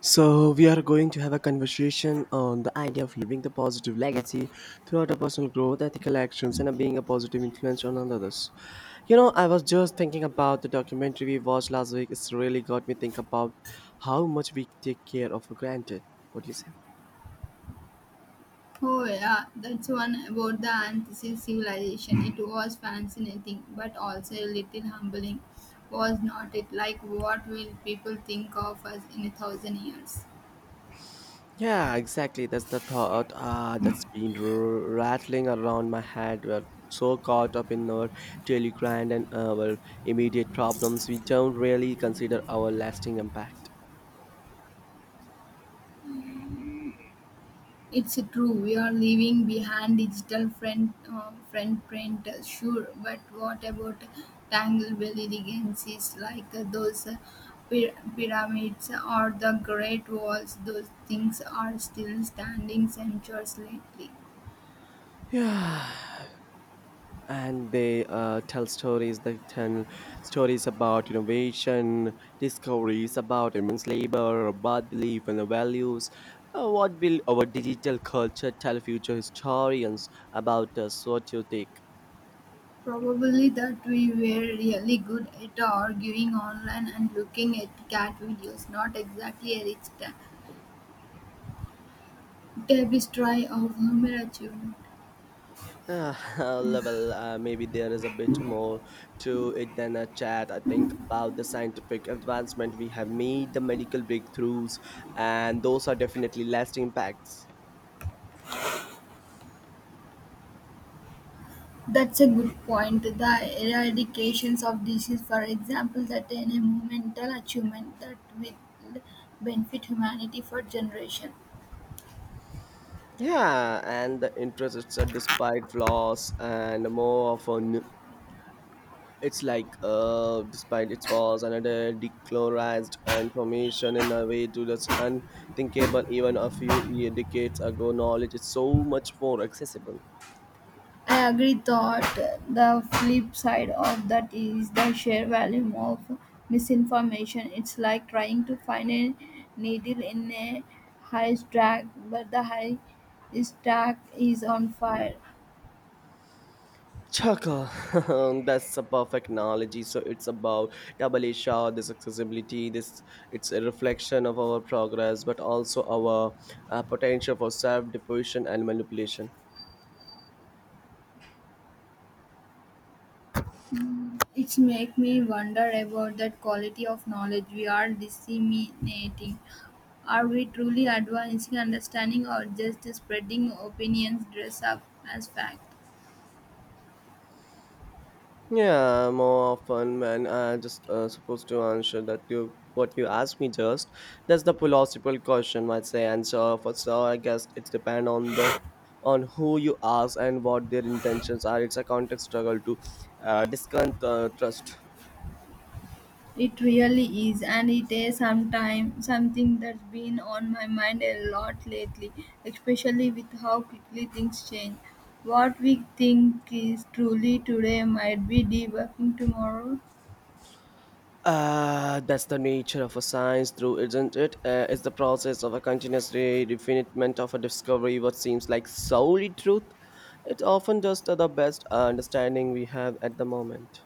So, we are going to have a conversation on the idea of leaving the positive legacy throughout our personal growth, ethical actions, and being a positive influence on others. You know, I was just thinking about the documentary we watched last week. It's really got me think about how much we take care of for granted. What do you say? Oh, yeah, that's one about the Antisea civilization. It was fascinating, but also a little humbling, was not it? Like, what will people think of us in 1,000 years? Yeah, exactly. That's the thought that's been rattling around my head. We're so caught up in our daily grind and our immediate problems, we don't really consider our lasting impact. It's true, we are leaving behind digital friend print, sure, but what about Tanglebell legacies like those pyramids or the Great Walls? Those things are still standing centuries lately. Yeah, and they tell stories. They tell stories about innovation, discoveries, about immense labor, about belief and the values. What will our digital culture tell future historians about us? What you think? Probably that we were really good at arguing online and looking at cat videos, not exactly a rich tapestry of human achievement. Level, maybe there is a bit more to it than a chat. I think about the scientific advancement we have made, the medical breakthroughs, and those are definitely lasting impacts. That's a good point. The eradications of disease, for example, that an environmental achievement that will benefit humanity for generations. Yeah, and the interest it's a despite flaws and more of an it's like despite its flaws another decolorized information in a way to that's unthinkable even a few decades ago. Knowledge is so much more accessible. I agree that the flip side of that is the sheer volume of misinformation. It's like trying to find a needle in a haystack, but the haystack is on fire. Chaka, that's a perfect analogy. So it's about double shot, this accessibility, this it's a reflection of our progress, but also our potential for self-deposition and manipulation. It's make me wonder about that quality of knowledge we are disseminating. Are we truly advancing understanding or just spreading opinions dressed up as fact? Yeah, more often when I just supposed to answer that you what you asked me just. That's the philosophical question, I'd say. And so for so I guess it depends on the on who you ask and what their intentions are. It's a context struggle to discount trust. It really is, and it is sometime something that's been on my mind a lot lately, especially with how quickly things change. What we think is truly today might be debugging tomorrow. That's the nature of a science, through isn't it? It's the process of a continuous refinement of a discovery. What seems like solely truth, it's often just the best understanding we have at the moment.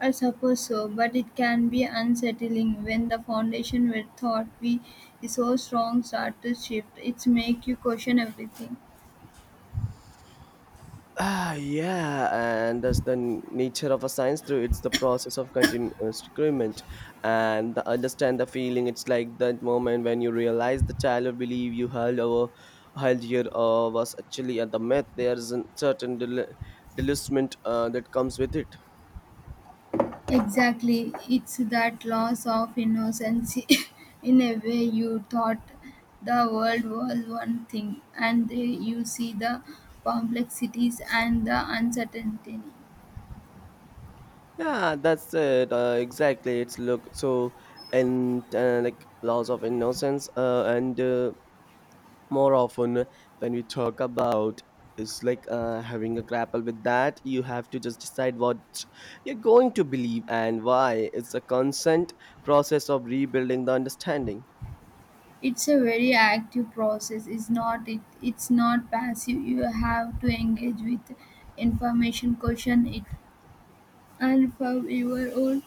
I suppose so, but it can be unsettling when the foundation we thought we is so strong start to shift. It's make you question everything. Ah, yeah, and that's the nature of a science through it's the process of continuous recruitment and the understand the feeling. It's like that moment when you realize the child believe you held over held here was actually at the myth. There is a certain delusionment that comes with it. Exactly. It's that loss of innocence in a way you thought the world was one thing and there you see the complexities and the uncertainty. Yeah, that's it. Exactly. It's look so and like loss of innocence and. More often when we talk about it's like having a grapple with that. You have to just decide what you're going to believe and why it's a constant process of rebuilding the understanding. It's a very active process, is not it? It's not passive. You have to engage with information, question it, and for your own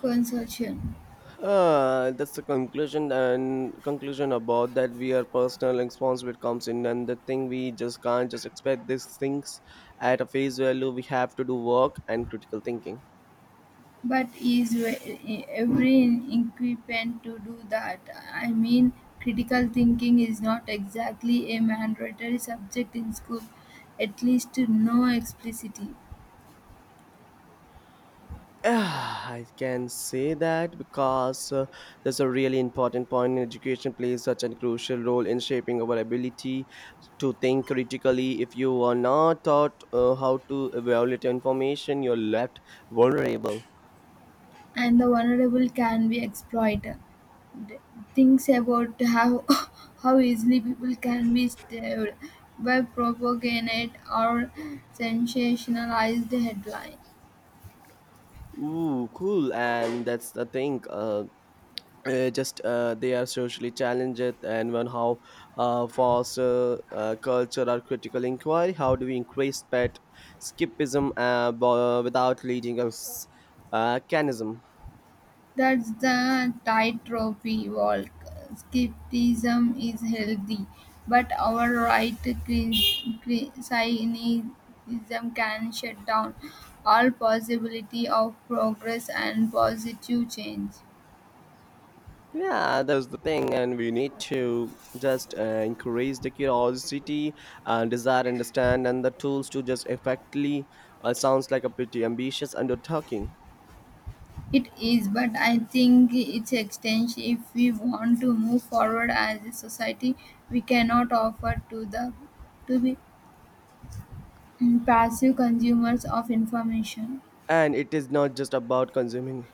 consumption. That's the conclusion and conclusion about that we are personal responsibility comes in and the thing we just can't just expect these things at a face value. We have to do work and critical thinking. But is every equipment to do that? I mean, critical thinking is not exactly a mandatory subject in school, at least no explicitly, Ah, I can say that because there's a really important point. Education plays such a crucial role in shaping our ability to think critically. If you are not taught how to evaluate information, you're left vulnerable. and the vulnerable can be exploited. Th- Things about how how easily people can be stabbed by propaganda or sensationalized headlines. Ooh, cool. And that's the thing. Just they are socially challenged and when how foster culture or critical inquiry. How do we increase pet skipism without leading us canism. That's the tightrope we walk. Skepticism is healthy, but our right cynicism can shut down all possibility of progress and positive change. Yeah, that's the thing and we need to just increase the curiosity, desire understand and the tools to just effectively sounds like a pretty ambitious undertaking. It is, but I think it's extension. If we want to move forward as a society, we cannot offer to the to be passive consumers of information. And it is not just about consuming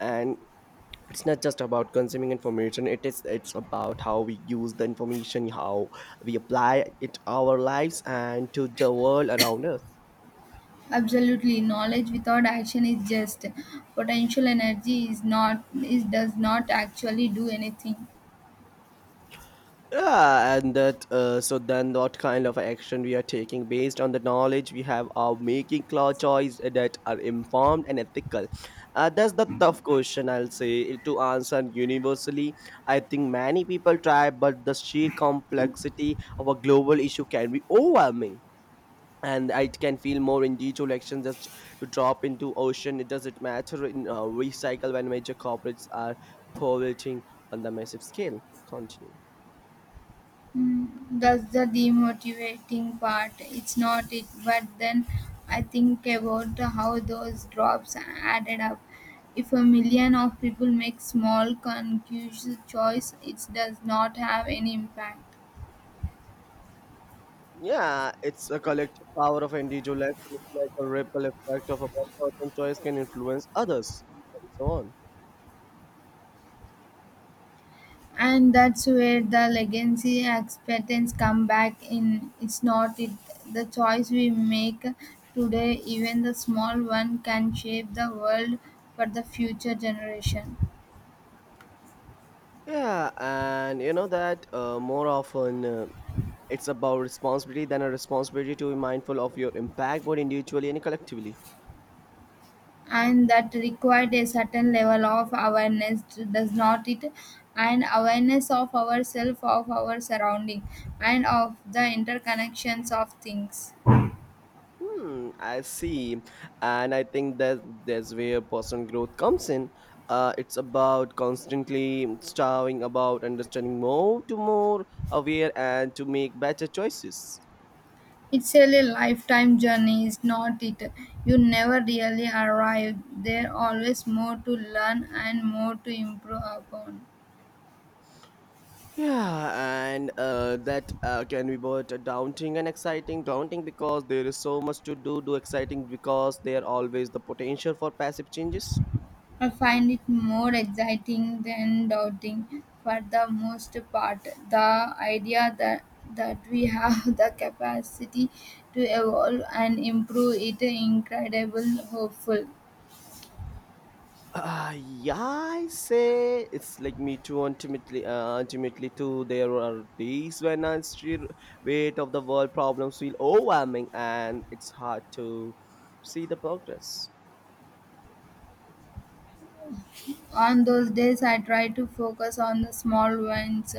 and it's not just about consuming information. It's about how we use the information, how we apply it our lives and to the world around us. Absolutely, knowledge without action is just potential energy, is not, is does not actually do anything. Yeah, and that so then what kind of action we are taking based on the knowledge we have of making clear choice that are informed and ethical. That's the tough question, I'll say, to answer universally. I think many people try but the sheer complexity of a global issue can be overwhelming and I can feel more individual action just to drop into ocean. It doesn't matter in recycle when major corporates are polluting on the massive scale. Continue. Mm, that's the demotivating part. It's not it, but then I think about how those drops added up. If 1,000,000 of people make small conscious choice, it does not have any impact. Yeah, it's a collective power of individual action. It's like a ripple effect of a one person choice can influence others, and so on. And that's where the legacy expectations come back in. It's not it, the choice we make today, even the small one, can shape the world for the future generation. Yeah, and you know that more often it's about responsibility than a responsibility to be mindful of your impact both individually and collectively. And that required a certain level of awareness, does not it? And awareness of ourselves, of our surrounding, and of the interconnections of things. Hmm, I see. And I think that that's where personal growth comes in. It's about constantly striving about understanding more to more aware and to make better choices. It's really a really lifetime journey, is not it? You never really arrive. There always more to learn and more to improve upon. Yeah, and that can be both daunting and exciting. Daunting because there is so much to do, exciting because there always the potential for passive changes. I find it more exciting than doubting for the most part. The idea that we have the capacity to evolve and improve it incredible hopeful. Yeah, I say it's like me too. Ultimately, too, there are days when the sheer weight of the world problems feel overwhelming, and it's hard to see the progress. On those days, I try to focus on the small ones,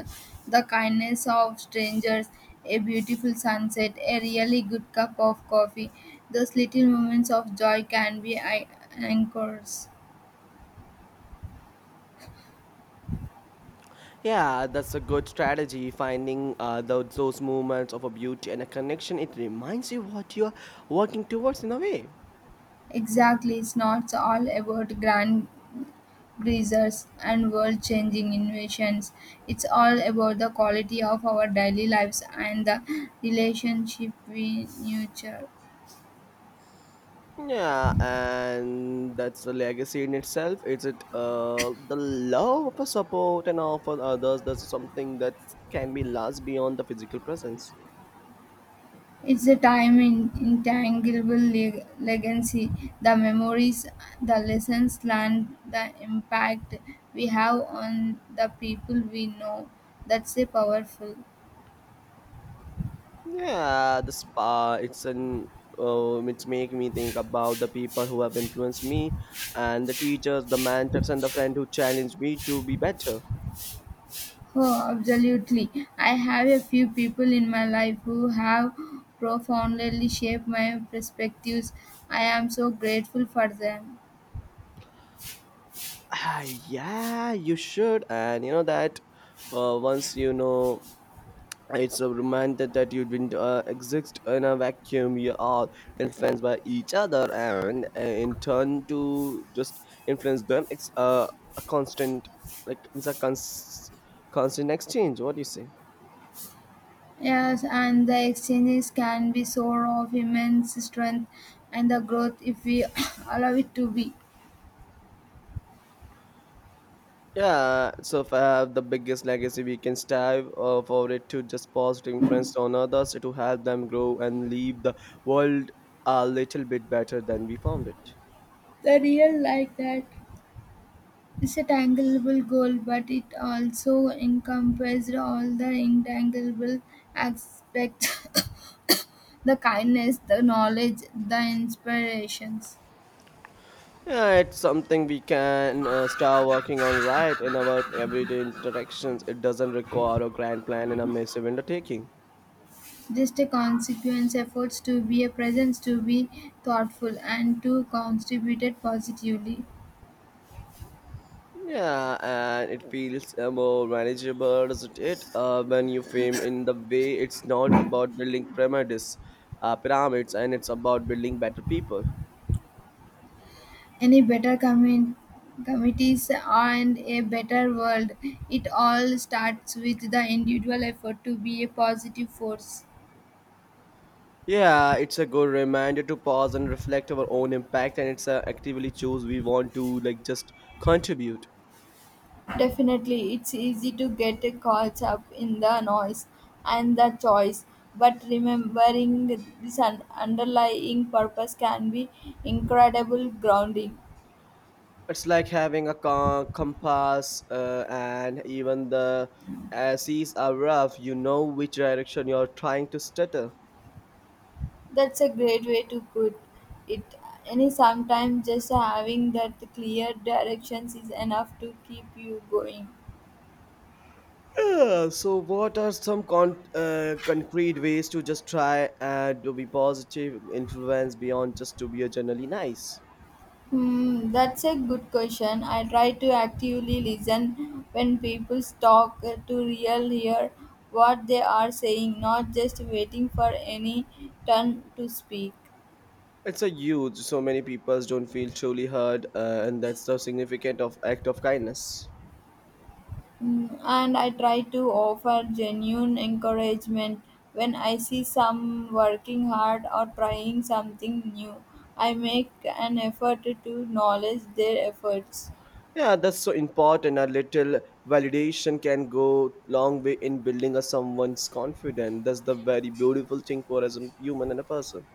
the kindness of strangers, a beautiful sunset, a really good cup of coffee. Those little moments of joy can be anchors. Yeah, that's a good strategy. Finding those moments of a beauty and a connection, it reminds you what you're working towards in a way. Exactly, it's not all about grand greasers and world changing innovations. It's all about the quality of our daily lives and the relationship we nurture. Yeah, and that's a legacy in itself. Is it the love for support and all for others? That's something that can be last beyond the physical presence. It's the time in intangible legacy, the memories, the lessons learned, the impact we have on the people we know. That's a powerful. Yeah, the spa. It's an it's make me think about the people who have influenced me, and the teachers, the mentors, and the friend who challenged me to be better. Oh, absolutely. I have a few people in my life who have profoundly shaped my perspectives. I am so grateful for them. Ah, yeah, you should, and you know that. Once you know it's a reminder that you didn't exist in a vacuum. We are influenced by each other, and in turn, to just influence them. It's a constant, like constant exchange. What do you say? Yes, and the exchanges can be source of immense strength and the growth if we allow it to be. Yeah, so if I have the biggest legacy, we can strive for it to just positive influence on others to help them grow and leave the world a little bit better than we found it. The real like that is a tangible goal, but it also encompasses all the intangible aspects, the kindness, the knowledge, the inspirations. Yeah, it's something we can start working on right in our everyday interactions. It doesn't require a grand plan and a massive undertaking. Just a consequence efforts to be a presence, to be thoughtful, and to contribute it positively. Yeah, and it feels more manageable, doesn't it? When you frame in the way, it's not about building pyramids, and it's about building better people. Any better committees and a better world. It all starts with the individual effort to be a positive force. Yeah, it's a good reminder to pause and reflect our own impact, and it's actively choose we want to like just contribute. Definitely, it's easy to get caught up in the noise and the choice, but remembering this underlying purpose can be incredible grounding. It's like having a compass and even the seas are rough, you know which direction you're trying to stutter. That's a great way to put it. Any sometimes just having that clear directions is enough to keep you going. Yeah, so what are some concrete ways to just try and to be positive influence beyond just to be a generally nice. That's a good question. I try to actively listen when people talk, to real hear what they are saying, not just waiting for any turn to speak. It's a huge so many people don't feel truly heard and that's the significant of act of kindness. And I try to offer genuine encouragement when I see some working hard or trying something new. I make an effort to acknowledge their efforts. Yeah, that's so important. A little validation can go long way in building a someone's confidence. That's the very beautiful thing for as a human and a person.